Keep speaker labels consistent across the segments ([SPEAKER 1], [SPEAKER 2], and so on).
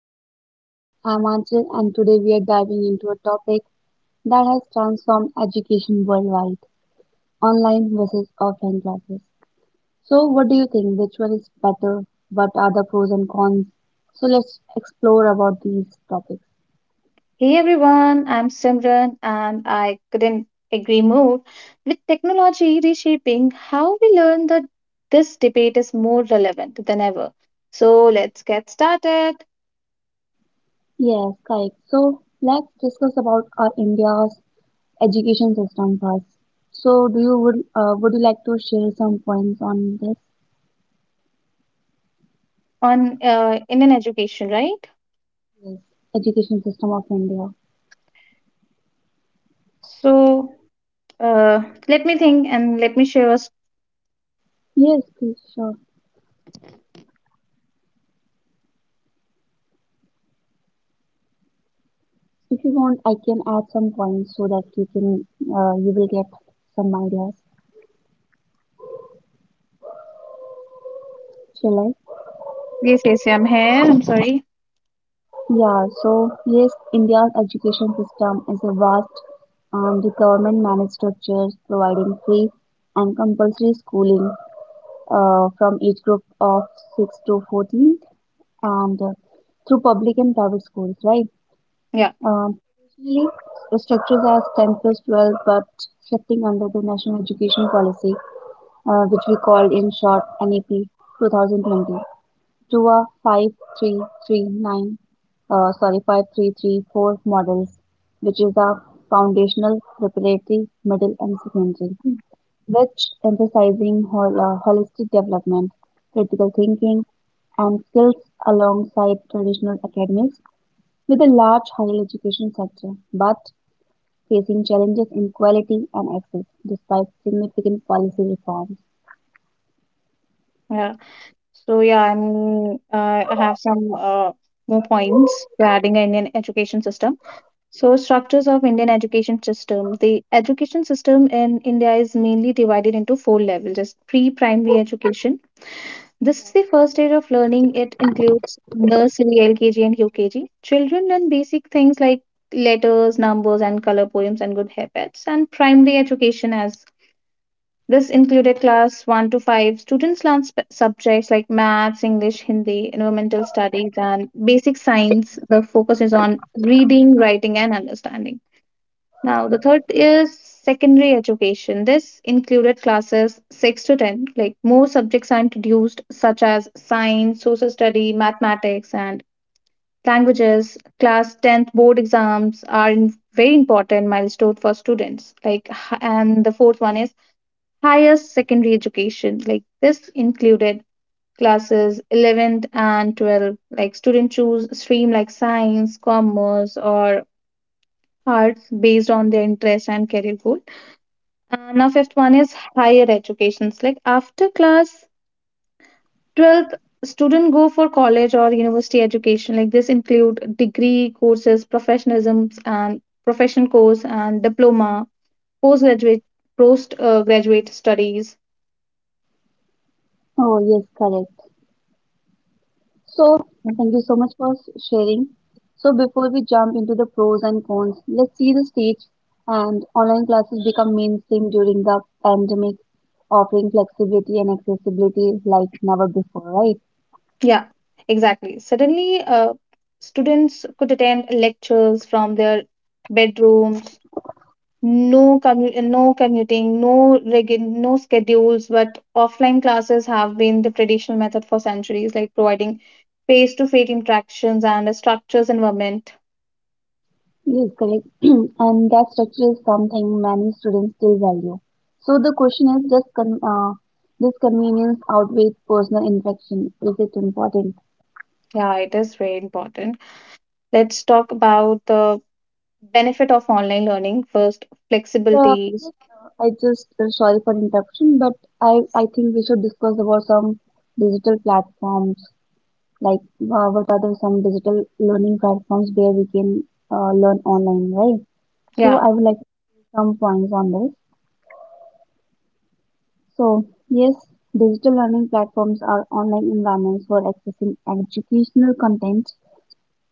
[SPEAKER 1] digital age. I'm Anchal, and today we are diving into a topic that has transformed education worldwide: online versus offline classes. So, what do you think? Which one is better? What are the pros and cons? So, let's explore about these topics.
[SPEAKER 2] Hey everyone, I'm Simran, and I couldn't agree more. With technology reshaping how we learn, that this debate is more relevant than ever. So let's get started
[SPEAKER 1] Yes, correct. So, let's discuss about our India's education system first. So, do you would you like to share some points on this.
[SPEAKER 2] on Indian education, right?
[SPEAKER 1] Yes. Education system of India?
[SPEAKER 2] So uh, Let me think and let me share.
[SPEAKER 1] Yes, please, sure. If you want, I can add some points so that you will get some ideas. Shall I?
[SPEAKER 2] Yes, yes, I'm here. I'm sorry.
[SPEAKER 1] Yeah. So yes, India's education system is a vast, and the government-managed structures providing free and compulsory schooling from age group of 6 to 14 and through public and private schools, right?
[SPEAKER 2] Yeah.
[SPEAKER 1] Um, Usually, the structures are 10 plus 12, but shifting under the National Education Policy, which we call in short NEP 2020, to a 5339, sorry, 5334 models, which is a foundational, preparatory, middle, and secondary, which emphasizing holistic development, critical thinking, and skills alongside traditional academics with a large higher education sector. But facing challenges in quality and access despite significant policy reforms.
[SPEAKER 2] Yeah. I have some more points regarding Indian education system. So structures of Indian education system. The education system in India is mainly divided into four levels: just pre-primary education. This is the first stage of learning. It includes nursery, LKG, and UKG. Children learn basic things like letters, numbers, and color poems and good habits. And primary education, as this included class 1 to 5. Students learn subjects like maths, English, Hindi, environmental studies, and basic science. The focus is on reading, writing, and understanding. Now, the third is secondary education. This included classes 6 to 10, like more subjects are introduced, such as science, social study, mathematics, and languages. Class 10th board exams are very important milestone for students. And the fourth one is higher secondary education. Like, this included classes 11th and 12th. Like, students choose stream like science, commerce, or arts based on their interest and career goal. Now, fifth one is higher educations. Like after class 12th, student go for college or university education. Like this include degree courses, professionalisms and profession course and diploma, postgraduate post graduate studies.
[SPEAKER 1] Oh, yes, correct. So, thank you so much for sharing. So, before we jump into the pros and cons, let's see the stage and online classes become mainstream during the pandemic, offering flexibility and accessibility like never before, right?
[SPEAKER 2] Yeah, exactly. Suddenly, students could attend lectures from their bedrooms, no commuting, no schedules, but offline classes have been the traditional method for centuries, like providing face to face interactions and a structures environment.
[SPEAKER 1] Yes, correct. And that structure is something many students still value. So the question is, does con this convenience outweigh personal infection? Is it important?
[SPEAKER 2] Yeah, it is very important. Let's talk about the benefit of online learning first:
[SPEAKER 1] Yeah,
[SPEAKER 2] flexibility.
[SPEAKER 1] yes, I just sorry for interruption, but I think we should discuss about some digital platforms. Like, what are the some digital learning platforms where we can learn online, right? So
[SPEAKER 2] Yeah.
[SPEAKER 1] I would like to say some points on this. So, yes, digital learning platforms are online environments for accessing educational content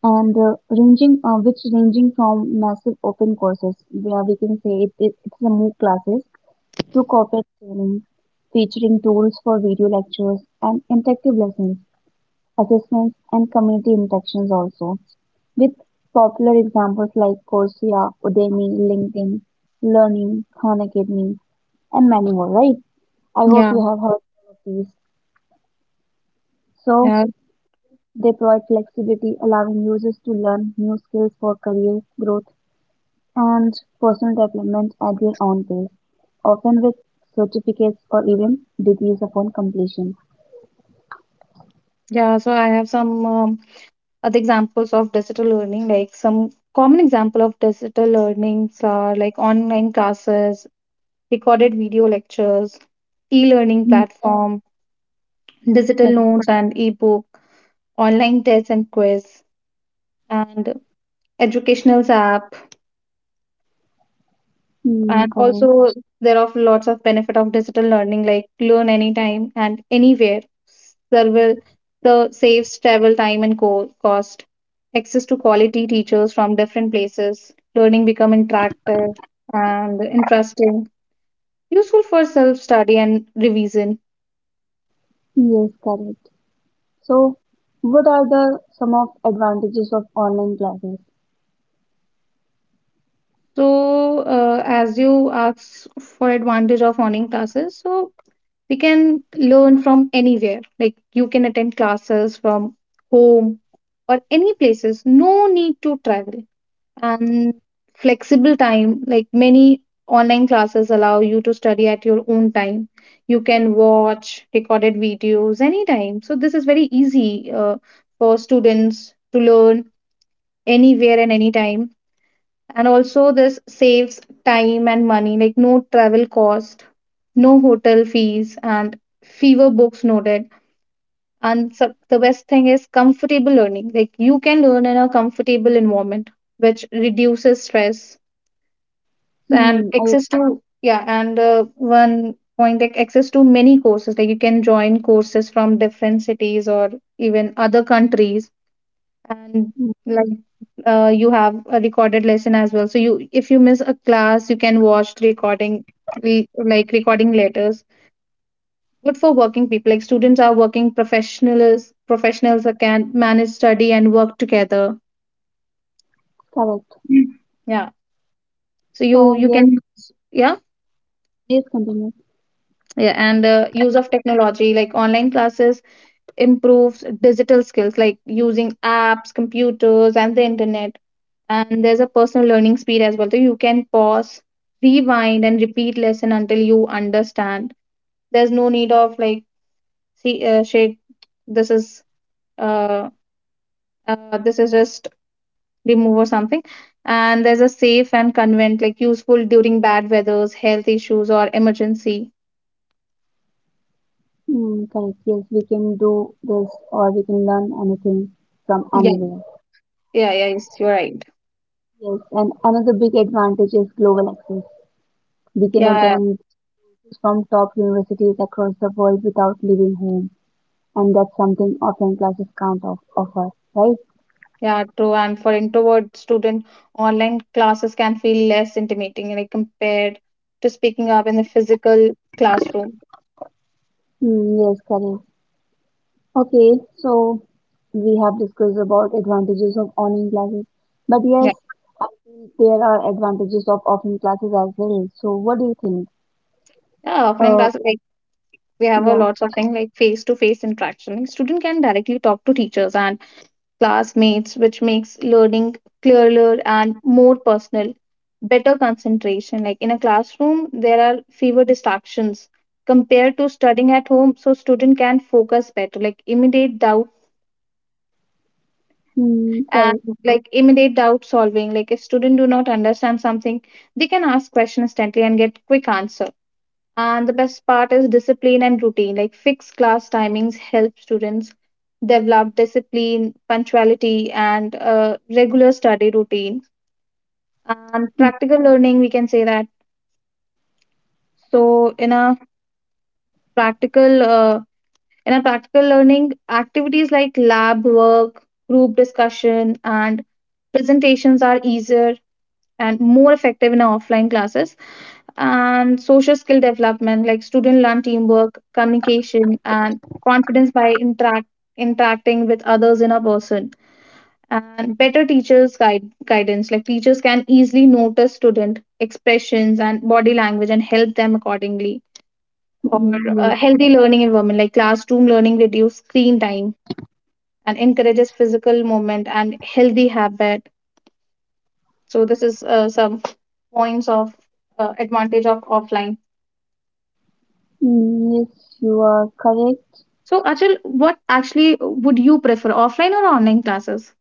[SPEAKER 1] and which ranging from massive open courses, where we can say it's the MOOC classes, to corporate training, featuring tools for video lectures and interactive lessons, assessments, and community interactions also, with popular examples like Coursera, Udemy, LinkedIn, Learning, Khan Academy, and many more, right? I hope
[SPEAKER 2] Yeah.
[SPEAKER 1] you have heard all of these. So
[SPEAKER 2] Yeah.
[SPEAKER 1] they provide flexibility, allowing users to learn new skills for career growth and personal development at their own pace, often with certificates or even degrees upon completion.
[SPEAKER 2] Yeah, so I have some other examples of digital learning, like some common example of digital learnings are like online classes, recorded video lectures, e-learning
[SPEAKER 1] Hmm,
[SPEAKER 2] platform, digital
[SPEAKER 1] correct.
[SPEAKER 2] notes and e-book, online tests and quiz, and educational app.
[SPEAKER 1] Hmm,
[SPEAKER 2] And
[SPEAKER 1] correct.
[SPEAKER 2] also, there are lots of benefit of digital learning, like learn anytime and anywhere. Server the saves travel time and cost. Access to quality teachers from different places. Learning become interactive and interesting. Useful for self study and revision.
[SPEAKER 1] Yes, correct. So, what are the some of advantages of online classes?
[SPEAKER 2] So, as you ask for advantage of online classes, so we can learn from anywhere. Like you can attend classes from home or any places. No need to travel. And flexible time. Like many online classes allow you to study at your own time. You can watch recorded videos anytime. So this is very easy for students to learn anywhere and anytime. And also, this saves time and money, like no travel cost, no hotel fees, and fewer books noted. And so the best thing is comfortable learning. Like you can learn in a comfortable environment, which reduces stress. And
[SPEAKER 1] Hmm, I
[SPEAKER 2] access to, yeah, and one point like access to many courses. Like you can join courses from different cities or even other countries. And
[SPEAKER 1] Hmm,
[SPEAKER 2] like, you have a recorded lesson as well, so you, if you miss a class, you can watch recording, like recording letters. Good for working people, like students are working professionals, professionals that can manage study and work together.
[SPEAKER 1] correct.
[SPEAKER 2] Mm. Yeah, so you
[SPEAKER 1] So
[SPEAKER 2] you
[SPEAKER 1] yes,
[SPEAKER 2] can. Yeah.
[SPEAKER 1] please continue.
[SPEAKER 2] Yeah, and use of technology, like online classes improves digital skills, like using apps, computers and the internet. And there's a personal learning speed as well, so you can pause, rewind and repeat lesson until you understand. There's no need of like, see, shade. This is uh, uh this is just remove or something. And there's a safe and convenient, like useful during bad weathers, health issues or emergency.
[SPEAKER 1] Hmm, correct. Yes, we can do this or we can learn anything from
[SPEAKER 2] Yeah.
[SPEAKER 1] anywhere.
[SPEAKER 2] Yeah. Yeah, yes, you're right.
[SPEAKER 1] Yes, and another big advantage is global access. We can
[SPEAKER 2] Yeah.
[SPEAKER 1] attend from top universities across the world without leaving home, and that's something offline classes can't offer, right?
[SPEAKER 2] Yeah, true. And for introvert student, online classes can feel less intimidating, like compared to speaking up in the physical classroom.
[SPEAKER 1] Hmm, yes, correct. Okay, so we have discussed about advantages of online classes, but
[SPEAKER 2] Yeah,
[SPEAKER 1] yes, I think there are advantages of offline classes as well. So, what do you think?
[SPEAKER 2] yeah, offline
[SPEAKER 1] Uh,
[SPEAKER 2] class, we have a
[SPEAKER 1] yeah,
[SPEAKER 2] lots of things like face-to-face interaction. Like, student can directly talk to teachers and classmates, which makes learning clearer and more personal. Better concentration. Like in a classroom, there are fewer distractions compared to studying at home, so student can focus better. Like immediate doubt
[SPEAKER 1] hmm,
[SPEAKER 2] and
[SPEAKER 1] correct.
[SPEAKER 2] like immediate doubt solving. Like if student do not understand something, they can ask question instantly and get quick answer. And the best part is discipline and routine. Like fixed class timings help students develop discipline, punctuality, and a regular study routine. And practical learning, we can say that. So in a practical uh, practical learning, activities like lab work, group discussion, and presentations are easier and more effective in our offline classes. And social skill development, like student learn teamwork, communication and confidence by interacting with others in a person. And better teachers guide guidance, like teachers can easily notice student expressions and body language and help them accordingly. Or a
[SPEAKER 1] Yes,
[SPEAKER 2] healthy learning environment, like classroom learning reduce screen time and encourages physical movement and healthy habit. So this is some points of advantage of offline.
[SPEAKER 1] hmm, yes, you are correct.
[SPEAKER 2] So, Achal, what actually would you prefer, offline or online classes?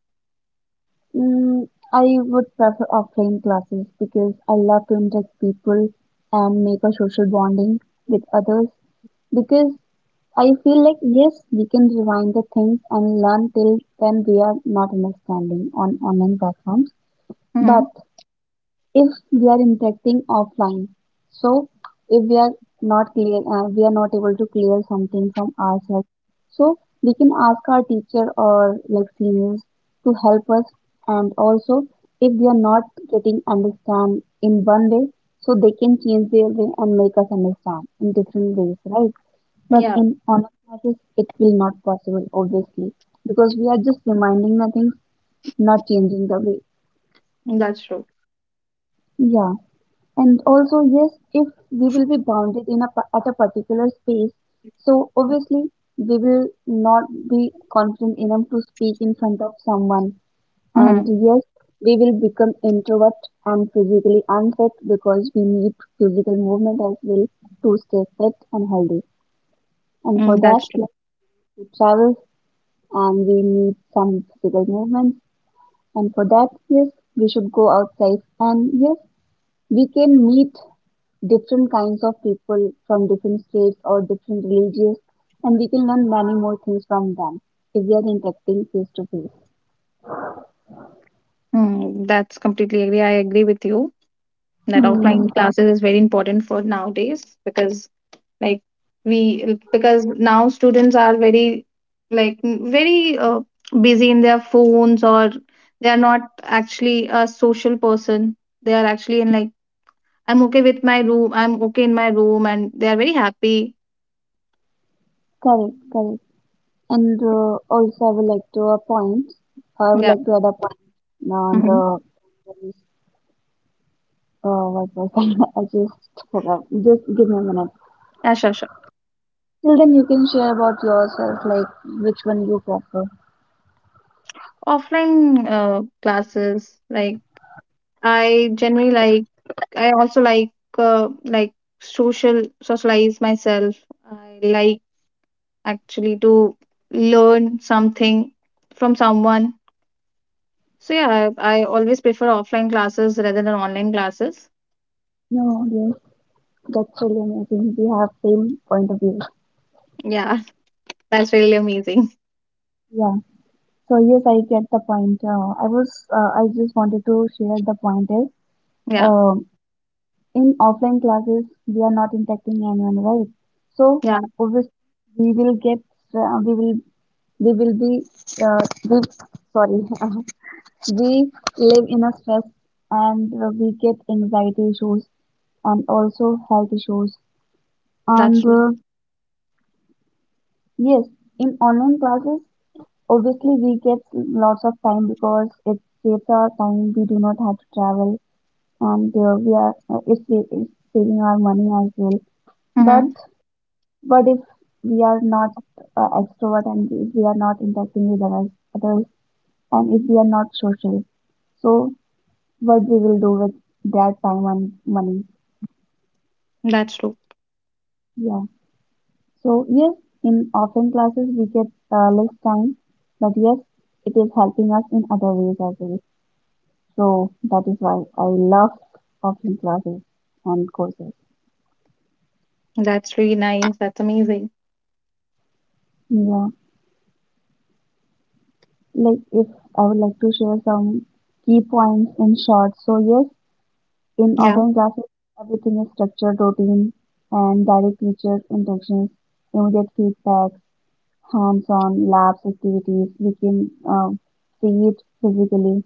[SPEAKER 1] Mm, I would prefer offline classes because I love to interact people and make a social bonding with others because I feel like yes, we can rewind the things and learn till then we are not understanding on online platforms.
[SPEAKER 2] Hmm.
[SPEAKER 1] But if we are interacting offline, so if we are not clear, we are not able to clear something from ourselves, so we can ask our teacher or like seniors to help us. And also if we are not getting understand in one way, so they can change their way and make us understand in different ways, right? But
[SPEAKER 2] Yeah,
[SPEAKER 1] in online classes it will not possible obviously, because we are just reminding the things, not changing the way.
[SPEAKER 2] that's true.
[SPEAKER 1] Yeah. And also, yes, if we will be bounded in a at a particular space, so obviously we will not be confident enough to speak in front of someone. And
[SPEAKER 2] Hmm.
[SPEAKER 1] yes, we will become introvert and physically unfit because we need physical movement as well to stay fit and healthy. And for that,
[SPEAKER 2] that's
[SPEAKER 1] yes, we travel and we need some physical movement. And for that, yes, we should go outside. And yes, we can meet different kinds of people from different states or different religions, and we can learn many more things from them if we are interacting face to face.
[SPEAKER 2] Mm, that's completely agree. I agree with you that
[SPEAKER 1] Hmm.
[SPEAKER 2] offline classes is very important for nowadays, because like, we, because now students are very like, mm, very busy in their phones, or they are not actually a social person. They are actually in like, I'm okay with my room. I'm okay in my room, and they are very happy.
[SPEAKER 1] Correct, correct. And also, I would
[SPEAKER 2] Yeah.
[SPEAKER 1] like to add a point on
[SPEAKER 2] Hmm.
[SPEAKER 1] the what was that? I just forgot. Just give me a minute.
[SPEAKER 2] Yeah, sure, sure.
[SPEAKER 1] Till then, you can share about yourself, like which one you prefer.
[SPEAKER 2] Offline classes, like I generally like, I also like, like social socialize myself. I like actually to learn something from someone. So yeah, I always prefer offline classes rather than online classes.
[SPEAKER 1] No, yes, that's really amazing. We have same point of view.
[SPEAKER 2] Yeah, that's really amazing.
[SPEAKER 1] Yeah. So yes, I get the point. I just wanted to share the point is,
[SPEAKER 2] Yeah,
[SPEAKER 1] uh, in offline classes we are not impacting anyone, right? So
[SPEAKER 2] yeah,
[SPEAKER 1] obviously, we will get, uh, we will, we will be, we, sorry, we live in a stress and we get anxiety issues and also health issues.
[SPEAKER 2] that's
[SPEAKER 1] And
[SPEAKER 2] true.
[SPEAKER 1] yes, in online classes, obviously, we get lots of time because it saves our time. We do not have to travel, and we are it's, sa- it's saving our money as well. But
[SPEAKER 2] Mm-hmm.
[SPEAKER 1] but if we are not extrovert and if we are not interacting with others, and if we are not social, so what we will do with that time and money?
[SPEAKER 2] That's true.
[SPEAKER 1] Yeah. So yes, in offline classes we get less time, but yes, it is helping us in other ways as well. So that is why I love offline classes and courses.
[SPEAKER 2] That's really nice. That's amazing.
[SPEAKER 1] Yeah, like if I would like to share some key points in short. So yes, in
[SPEAKER 2] Yeah.
[SPEAKER 1] offline classes, everything is structured, routine, and direct teacher interactions, immediate feedback, hands-on labs activities. We can see it physically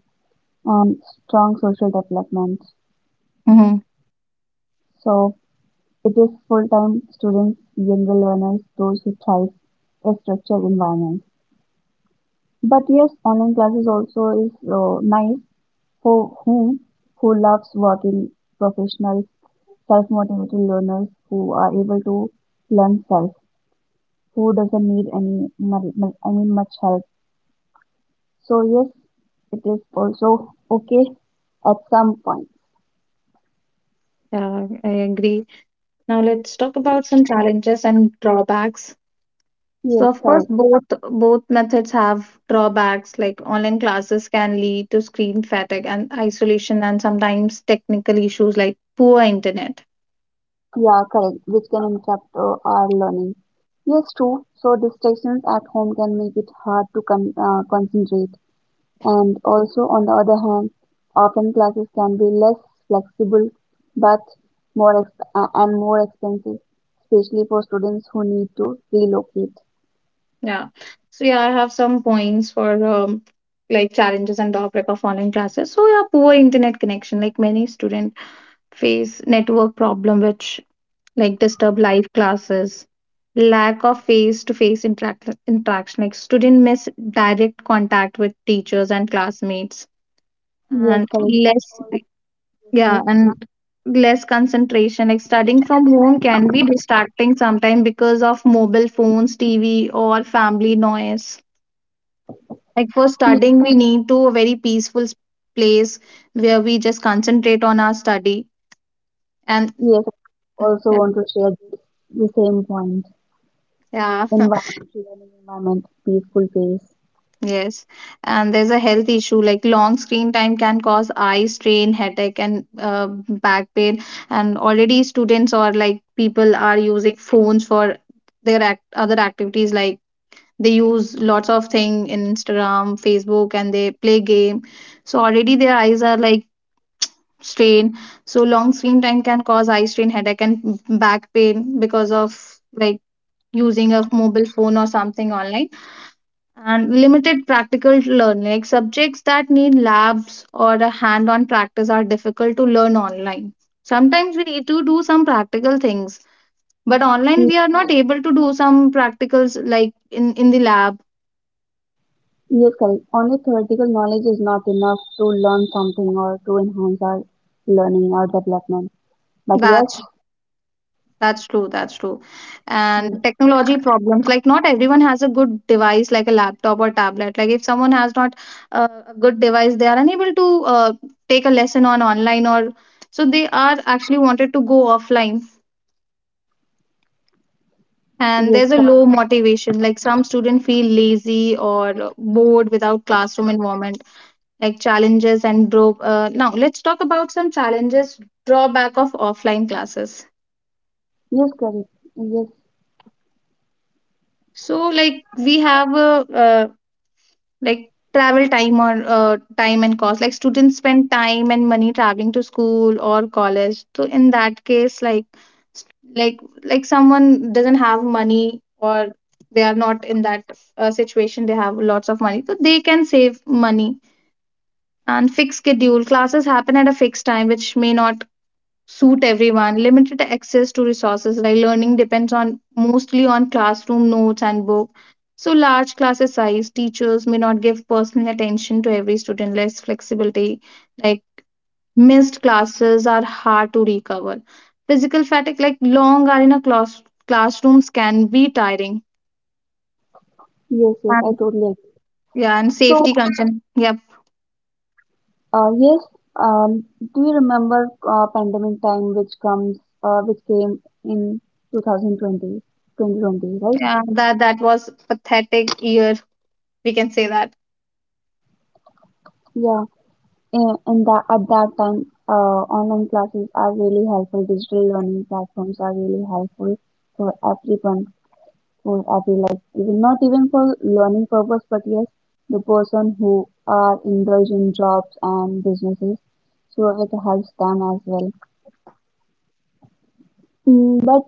[SPEAKER 1] and strong social development.
[SPEAKER 2] Mm-hmm.
[SPEAKER 1] So it is full-time students, younger learners, those who thrive a structured environment. But yes, online classes also is nice for whom who loves working professionals, self-motivated learners who are able to learn self, who doesn't need any I mean much help. So yes, it is also okay at some point.
[SPEAKER 2] Yeah, I agree. Now let's talk about some challenges and drawbacks. So
[SPEAKER 1] Yes,
[SPEAKER 2] of course,
[SPEAKER 1] correct.
[SPEAKER 2] both methods have drawbacks, like online classes can lead to screen fatigue and isolation, and sometimes technical issues like poor internet.
[SPEAKER 1] Yeah, correct. Which can interrupt our learning. Yes, true. So distractions at home can make it hard to concentrate. And also, on the other hand, often classes can be less flexible but and more expensive, especially for students who need to relocate.
[SPEAKER 2] Yeah. So yeah, I have some points for like challenges and drawback of online classes. So yeah, poor internet connection, like many students face network problem, which like disturb live classes. Lack of face-to-face interaction, like student miss direct contact with teachers and classmates.
[SPEAKER 1] Yes,
[SPEAKER 2] And
[SPEAKER 1] correct.
[SPEAKER 2] yeah, and less concentration. Like studying from home can be distracting sometimes because of mobile phones, TV, or family noise. Like for
[SPEAKER 1] Yes,
[SPEAKER 2] studying, we need to a very peaceful place where we just concentrate on our study. And
[SPEAKER 1] yes, also want to share the same point.
[SPEAKER 2] yeah
[SPEAKER 1] Environment, learning environment, peaceful pace.
[SPEAKER 2] Yes, and there's a health issue, like long screen time can cause eye strain, headache, and back pain. And already students or like people are using phones for their other activities. Like they use lots of thing in Instagram, Facebook, and they play game. So already their eyes are like strained. So long screen time can cause eye strain, headache, and back pain because of like using a mobile phone or something online. And limited practical learning. Like subjects that need labs or a hand on practice are difficult to learn online. Sometimes we need to do some practical things, but online
[SPEAKER 1] Ye-
[SPEAKER 2] we are not able to do some practicals like in the lab.
[SPEAKER 1] Yes, correct. Only theoretical knowledge is not enough to learn something or to enhance our learning or development. But yes,
[SPEAKER 2] That's that's true, that's true. And
[SPEAKER 1] yes,
[SPEAKER 2] technology problems, like not everyone has a good device like a laptop or tablet. Like if someone has not a good device, they are unable to take a lesson on online, or so they are actually wanted to go offline. And
[SPEAKER 1] yes,
[SPEAKER 2] there's a
[SPEAKER 1] correct.
[SPEAKER 2] low motivation, like some students feel lazy or bored without classroom environment. Like challenges and drop Now let's talk about some challenges, drawback of offline classes.
[SPEAKER 1] Yes, correct. Yes,
[SPEAKER 2] So like we have a, like travel time or time and cost, like students spend time and money traveling to school or college. So in that case, s- like someone doesn't have money, or they are not in that situation, they have lots of money, so they can save money. And fix schedule, classes happen at a fixed time which may not suit everyone. Limited access to resources, like learning depends on mostly on classroom notes and book. So large classes size, teachers may not give personal attention to every student. Less flexibility, like missed classes are hard to recover. Physical fatigue, like long hours in a classrooms can be tiring.
[SPEAKER 1] yes, yes, I
[SPEAKER 2] And,
[SPEAKER 1] totally agree.
[SPEAKER 2] yeah, and
[SPEAKER 1] So,
[SPEAKER 2] safety concern. Yep.
[SPEAKER 1] yes, um, do you remember pandemic time, which which came in 2020 2020, right?
[SPEAKER 2] Yeah, that was pathetic year. We can say that.
[SPEAKER 1] Yeah, and that at that time, online classes are really helpful. Digital learning platforms are really helpful for everyone, for every life, even not even for learning purpose, but yes, the person who are indulged in jobs and businesses, so it helps them as well. Mm. But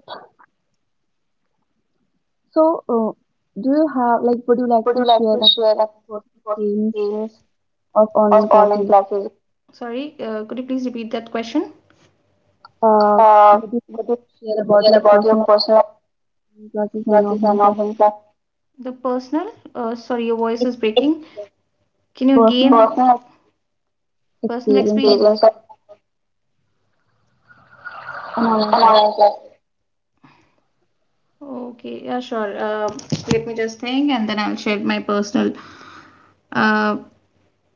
[SPEAKER 1] so, do you have like would you like
[SPEAKER 2] Would
[SPEAKER 1] to
[SPEAKER 2] you like
[SPEAKER 1] share,
[SPEAKER 2] to
[SPEAKER 1] like,
[SPEAKER 2] share
[SPEAKER 1] personal experience
[SPEAKER 2] a
[SPEAKER 1] of
[SPEAKER 2] or
[SPEAKER 1] online
[SPEAKER 2] online
[SPEAKER 1] classes?
[SPEAKER 2] classes? Sorry, could you please repeat that question?
[SPEAKER 1] Uh,
[SPEAKER 2] Uh, would
[SPEAKER 1] would you
[SPEAKER 2] you share
[SPEAKER 1] share about
[SPEAKER 2] about your
[SPEAKER 1] your
[SPEAKER 2] personal
[SPEAKER 1] personal online classes
[SPEAKER 2] classes
[SPEAKER 1] and
[SPEAKER 2] and online
[SPEAKER 1] offline
[SPEAKER 2] classes?
[SPEAKER 1] classes?
[SPEAKER 2] The personal, sorry, your voice is
[SPEAKER 1] Ex-
[SPEAKER 2] breaking. Can you again
[SPEAKER 1] Personal
[SPEAKER 2] personal personal experience? Experience
[SPEAKER 1] experience of an
[SPEAKER 2] and
[SPEAKER 1] online
[SPEAKER 2] online
[SPEAKER 1] classes.
[SPEAKER 2] classes. Okay, yeah, sure. Let me just think, and then I'll share my uh,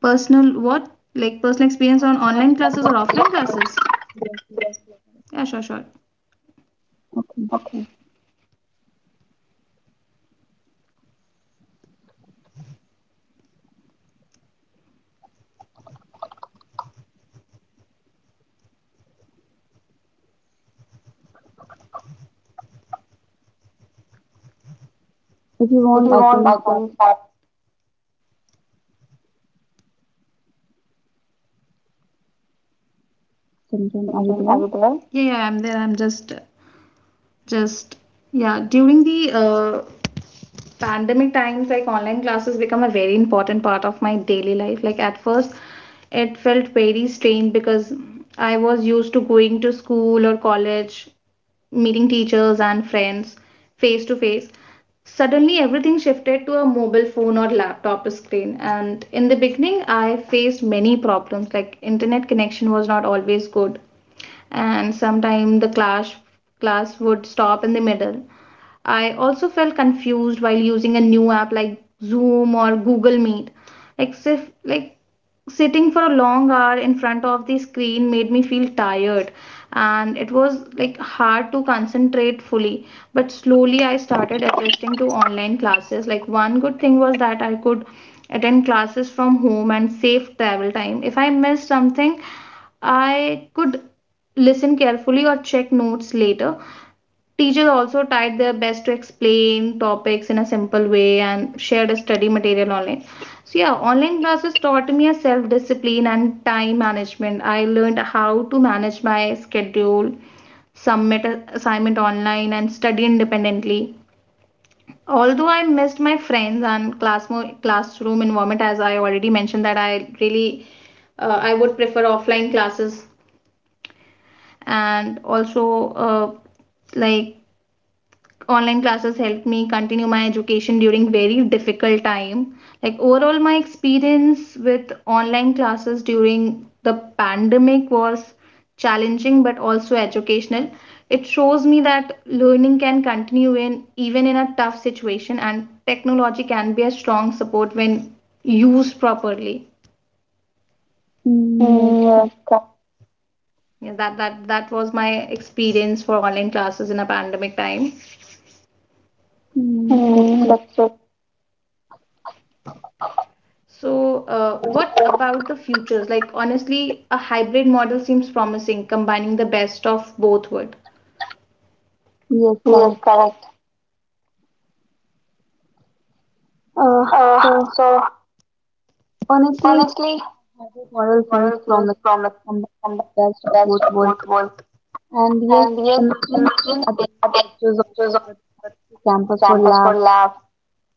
[SPEAKER 2] personal what? Like personal experience on online
[SPEAKER 1] Personal
[SPEAKER 2] classes or
[SPEAKER 1] experience of
[SPEAKER 2] offline
[SPEAKER 1] online
[SPEAKER 2] classes?
[SPEAKER 1] classes. Yes,
[SPEAKER 2] Yes.
[SPEAKER 1] yes.
[SPEAKER 2] Yeah, sure, sure.
[SPEAKER 1] Okay.
[SPEAKER 2] Okay.
[SPEAKER 1] If you
[SPEAKER 2] If
[SPEAKER 1] want,
[SPEAKER 2] you
[SPEAKER 1] I
[SPEAKER 2] want,
[SPEAKER 1] can
[SPEAKER 2] I
[SPEAKER 1] start
[SPEAKER 2] can start
[SPEAKER 1] sometime. Are you
[SPEAKER 2] something
[SPEAKER 1] there?
[SPEAKER 2] over there. Yeah, yeah, I'm there. I'm just, yeah, during the pandemic times, like online classes become a very important part of my daily life. Like at first, it felt very strange because I was used to going to school or college, meeting teachers and friends face to face. Suddenly, everything shifted to a mobile phone or laptop screen. And in the beginning, I faced many problems like internet connection was not always good and sometimes the class would stop in the middle. I also felt confused while using a new app like Zoom or Google Meet. Like sitting for a long hour in front of the screen made me feel tired and it was like hard to concentrate fully, but slowly I started adjusting to online classes. Like one good thing was that I could attend classes from home and save travel time. If I missed something, I could listen carefully or check notes later. Teachers also tried their best to explain topics in a simple way and shared a study material online. So, yeah, online classes taught me a self discipline and time management. I learned how to manage my schedule, submit assignment online, and study independently. Although I missed my friends and classroom environment, as I already mentioned, that I really I would prefer offline classes, and also uh, like online classes helped me continue my education during very difficult time. Like overall my experience with online classes during the pandemic was challenging but also educational. It shows me that learning can continue in even in a tough situation and technology can be a strong support when used properly.
[SPEAKER 1] Mm, yes,
[SPEAKER 2] Mm, yeah,
[SPEAKER 1] correct.
[SPEAKER 2] co- yeah, that was my experience for online classes in a pandemic time.
[SPEAKER 1] Mm, that's
[SPEAKER 2] Mm,
[SPEAKER 1] it.
[SPEAKER 2] that's it. So, what about the futures? Like, honestly, a hybrid model seems promising, combining the best of both worlds.
[SPEAKER 1] Yes,
[SPEAKER 2] Yes,
[SPEAKER 1] correct.
[SPEAKER 2] correct.
[SPEAKER 1] Uh,
[SPEAKER 2] Uh,
[SPEAKER 1] so
[SPEAKER 2] so
[SPEAKER 1] honestly,
[SPEAKER 2] honestly,
[SPEAKER 1] hybrid
[SPEAKER 2] hybrid
[SPEAKER 1] model seems
[SPEAKER 2] models promise
[SPEAKER 1] promising, combining the best of
[SPEAKER 2] best
[SPEAKER 1] both
[SPEAKER 2] of
[SPEAKER 1] worlds.
[SPEAKER 2] both worlds,
[SPEAKER 1] And yes,
[SPEAKER 2] and
[SPEAKER 1] imagine
[SPEAKER 2] imagine
[SPEAKER 1] attending lectures on the campus for
[SPEAKER 2] examples for
[SPEAKER 1] labs,
[SPEAKER 2] labs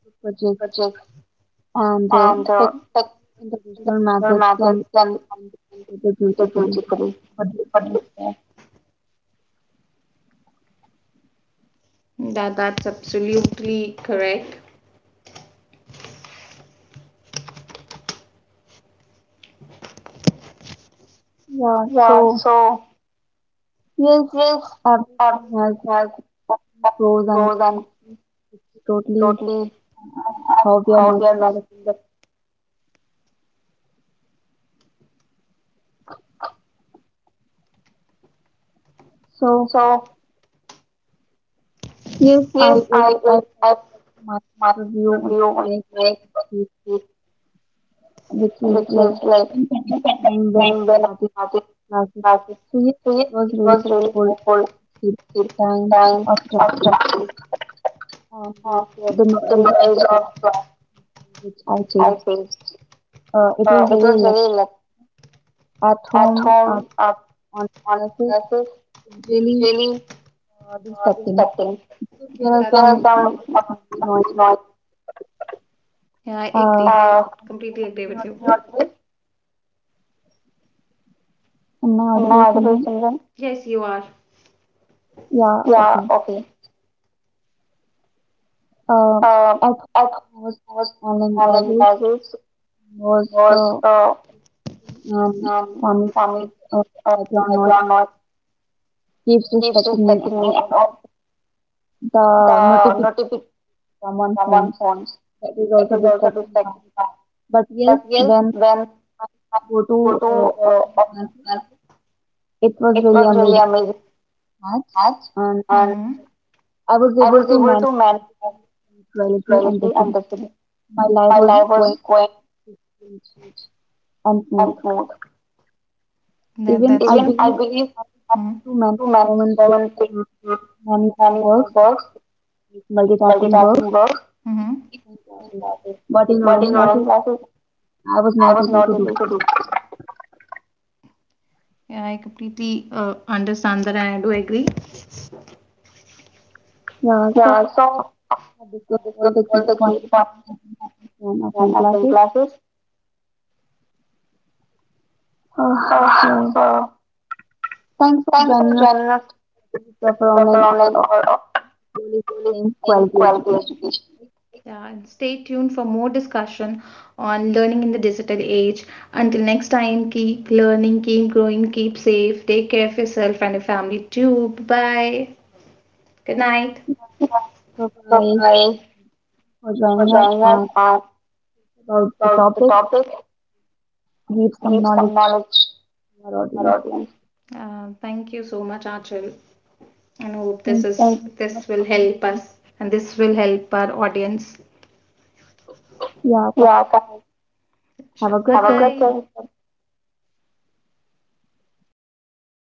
[SPEAKER 1] group projects, and
[SPEAKER 2] and
[SPEAKER 1] technology in traditional methods
[SPEAKER 2] other
[SPEAKER 1] can complement each other beautifully.
[SPEAKER 2] equally
[SPEAKER 1] What do you
[SPEAKER 2] for
[SPEAKER 1] say?
[SPEAKER 2] business. That's absolutely correct.
[SPEAKER 1] Yeah,
[SPEAKER 2] Yeah.
[SPEAKER 1] so
[SPEAKER 2] So
[SPEAKER 1] yes,
[SPEAKER 2] yes,
[SPEAKER 1] everything has
[SPEAKER 2] everything has
[SPEAKER 1] own pros and
[SPEAKER 2] pros and
[SPEAKER 1] cons. It's totally
[SPEAKER 2] totally
[SPEAKER 1] how we are
[SPEAKER 2] how we are
[SPEAKER 1] managing
[SPEAKER 2] managed.
[SPEAKER 1] the. So
[SPEAKER 2] So
[SPEAKER 1] yes, I
[SPEAKER 2] yes, I
[SPEAKER 1] like I
[SPEAKER 2] like
[SPEAKER 1] like
[SPEAKER 2] I
[SPEAKER 1] my
[SPEAKER 2] my
[SPEAKER 1] point of view, like
[SPEAKER 2] review on
[SPEAKER 1] my
[SPEAKER 2] it,
[SPEAKER 1] perspective, which is
[SPEAKER 2] which
[SPEAKER 1] like
[SPEAKER 2] is like
[SPEAKER 1] in pandemic
[SPEAKER 2] independent
[SPEAKER 1] time when I
[SPEAKER 2] time when I
[SPEAKER 1] started
[SPEAKER 2] started
[SPEAKER 1] classes.
[SPEAKER 2] classes.
[SPEAKER 1] So yes,
[SPEAKER 2] So
[SPEAKER 1] it
[SPEAKER 2] yes,
[SPEAKER 1] was
[SPEAKER 2] it
[SPEAKER 1] really
[SPEAKER 2] was really
[SPEAKER 1] helpful
[SPEAKER 2] helpful
[SPEAKER 1] in
[SPEAKER 2] to
[SPEAKER 1] the
[SPEAKER 2] the
[SPEAKER 1] time
[SPEAKER 2] time
[SPEAKER 1] of
[SPEAKER 2] of
[SPEAKER 1] traffic
[SPEAKER 2] traffic
[SPEAKER 1] and
[SPEAKER 2] of
[SPEAKER 1] the
[SPEAKER 2] like, the
[SPEAKER 1] noise of
[SPEAKER 2] noise of
[SPEAKER 1] class
[SPEAKER 2] class
[SPEAKER 1] which I
[SPEAKER 2] which I
[SPEAKER 1] faced.
[SPEAKER 2] faced.
[SPEAKER 1] It was
[SPEAKER 2] It
[SPEAKER 1] really
[SPEAKER 2] was
[SPEAKER 1] like
[SPEAKER 2] really like
[SPEAKER 1] at
[SPEAKER 2] at
[SPEAKER 1] home,
[SPEAKER 2] home,
[SPEAKER 1] on
[SPEAKER 2] on
[SPEAKER 1] classes
[SPEAKER 2] classes
[SPEAKER 1] it's really
[SPEAKER 2] really
[SPEAKER 1] distracting.
[SPEAKER 2] distracting.
[SPEAKER 1] So there are
[SPEAKER 2] That's There are
[SPEAKER 1] some
[SPEAKER 2] true.
[SPEAKER 1] uh,
[SPEAKER 2] Some
[SPEAKER 1] some noise.
[SPEAKER 2] noise. Yeah, I agree.
[SPEAKER 1] Uh,
[SPEAKER 2] I completely agree
[SPEAKER 1] am I
[SPEAKER 2] with you.
[SPEAKER 1] audible?
[SPEAKER 2] Not audible,
[SPEAKER 1] Am I
[SPEAKER 2] am I
[SPEAKER 1] audible,
[SPEAKER 2] audible,
[SPEAKER 1] Simran?
[SPEAKER 2] Simran? Yes, you are.
[SPEAKER 1] Yeah.
[SPEAKER 2] Yeah,
[SPEAKER 1] Okay.
[SPEAKER 2] okay.
[SPEAKER 1] Uh,
[SPEAKER 2] Um,
[SPEAKER 1] at
[SPEAKER 2] I think
[SPEAKER 1] home, I
[SPEAKER 2] it
[SPEAKER 1] was
[SPEAKER 2] was
[SPEAKER 1] online
[SPEAKER 2] online
[SPEAKER 1] classes
[SPEAKER 2] libraries
[SPEAKER 1] was,
[SPEAKER 2] was uh,
[SPEAKER 1] and
[SPEAKER 2] um,
[SPEAKER 1] family,
[SPEAKER 2] family
[SPEAKER 1] uh,
[SPEAKER 2] uh,
[SPEAKER 1] background noise
[SPEAKER 2] background noise
[SPEAKER 1] keeps
[SPEAKER 2] keeps
[SPEAKER 1] distracting me, and
[SPEAKER 2] distracting me
[SPEAKER 1] also
[SPEAKER 2] and also
[SPEAKER 1] the
[SPEAKER 2] the
[SPEAKER 1] notification
[SPEAKER 2] not
[SPEAKER 1] from one
[SPEAKER 2] someone
[SPEAKER 1] phone,
[SPEAKER 2] phone
[SPEAKER 1] that is
[SPEAKER 2] that
[SPEAKER 1] also
[SPEAKER 2] is also
[SPEAKER 1] distracting me. But yes,
[SPEAKER 2] yes
[SPEAKER 1] when
[SPEAKER 2] when
[SPEAKER 1] I go to
[SPEAKER 2] to
[SPEAKER 1] offline
[SPEAKER 2] uh,
[SPEAKER 1] classes, it was really amazing match,
[SPEAKER 2] match
[SPEAKER 1] and
[SPEAKER 2] and mhm.
[SPEAKER 1] I was able to manage
[SPEAKER 2] To manage
[SPEAKER 1] everything with punctuality and
[SPEAKER 2] reality,
[SPEAKER 1] discipline. My life
[SPEAKER 2] my
[SPEAKER 1] was
[SPEAKER 2] life was
[SPEAKER 1] quite
[SPEAKER 2] going
[SPEAKER 1] peaceful and smooth.
[SPEAKER 2] smooth. That, that's
[SPEAKER 1] Even I
[SPEAKER 2] Even-
[SPEAKER 1] believe I was able to
[SPEAKER 2] to
[SPEAKER 1] manage
[SPEAKER 2] manage
[SPEAKER 1] so many
[SPEAKER 2] so
[SPEAKER 1] things,
[SPEAKER 2] many
[SPEAKER 1] uh, many more
[SPEAKER 2] many
[SPEAKER 1] works,
[SPEAKER 2] works,
[SPEAKER 1] like multitasking works
[SPEAKER 2] multitasking works,
[SPEAKER 1] in
[SPEAKER 2] hmm,
[SPEAKER 1] offline classes. But in online
[SPEAKER 2] in
[SPEAKER 1] classes,
[SPEAKER 2] online classes
[SPEAKER 1] I was
[SPEAKER 2] I
[SPEAKER 1] not
[SPEAKER 2] was
[SPEAKER 1] able
[SPEAKER 2] not
[SPEAKER 1] to do.
[SPEAKER 2] able to do. Yeah, I completely understand that and I do agree.
[SPEAKER 1] Yeah,
[SPEAKER 2] Yeah,
[SPEAKER 1] so
[SPEAKER 2] so
[SPEAKER 1] we
[SPEAKER 2] I
[SPEAKER 1] discussed all
[SPEAKER 2] discussed
[SPEAKER 1] the
[SPEAKER 2] all
[SPEAKER 1] key
[SPEAKER 2] the key
[SPEAKER 1] points
[SPEAKER 2] points
[SPEAKER 1] and
[SPEAKER 2] and
[SPEAKER 1] offline
[SPEAKER 2] attend
[SPEAKER 1] classes.
[SPEAKER 2] classes.
[SPEAKER 1] Uh,
[SPEAKER 2] Uh,
[SPEAKER 1] so
[SPEAKER 2] so
[SPEAKER 1] thanks for
[SPEAKER 2] thanks for
[SPEAKER 1] joining us
[SPEAKER 2] joining us to
[SPEAKER 1] today. If you prefer
[SPEAKER 2] discover
[SPEAKER 1] online or
[SPEAKER 2] online or
[SPEAKER 1] offline, school is the same
[SPEAKER 2] offline
[SPEAKER 1] quality
[SPEAKER 2] quality
[SPEAKER 1] education.
[SPEAKER 2] education. Yeah, and stay tuned for more discussion on learning in the digital age. Until next time, keep learning, keep growing, keep safe, take care of yourself and your family too. Bye. Good night.
[SPEAKER 1] So
[SPEAKER 2] Bye
[SPEAKER 1] bye
[SPEAKER 2] bye
[SPEAKER 1] for
[SPEAKER 2] for
[SPEAKER 1] joining us
[SPEAKER 2] joining us
[SPEAKER 1] and
[SPEAKER 2] and
[SPEAKER 1] about the
[SPEAKER 2] about the
[SPEAKER 1] topic,
[SPEAKER 2] topic.
[SPEAKER 1] give
[SPEAKER 2] Give
[SPEAKER 1] some
[SPEAKER 2] some
[SPEAKER 1] knowledge
[SPEAKER 2] knowledge
[SPEAKER 1] to our
[SPEAKER 2] to our
[SPEAKER 1] audience.
[SPEAKER 2] audience. Thank you so much, Achal, and hope this is
[SPEAKER 1] Thank you
[SPEAKER 2] this will
[SPEAKER 1] so
[SPEAKER 2] help
[SPEAKER 1] much.
[SPEAKER 2] us and this will help our audience.
[SPEAKER 1] Yeah,
[SPEAKER 2] Yeah,
[SPEAKER 1] guys,
[SPEAKER 2] thanks. Sure. Bye.
[SPEAKER 1] have
[SPEAKER 2] Have
[SPEAKER 1] a
[SPEAKER 2] a Bye.
[SPEAKER 1] good
[SPEAKER 2] Good
[SPEAKER 1] day.
[SPEAKER 2] day.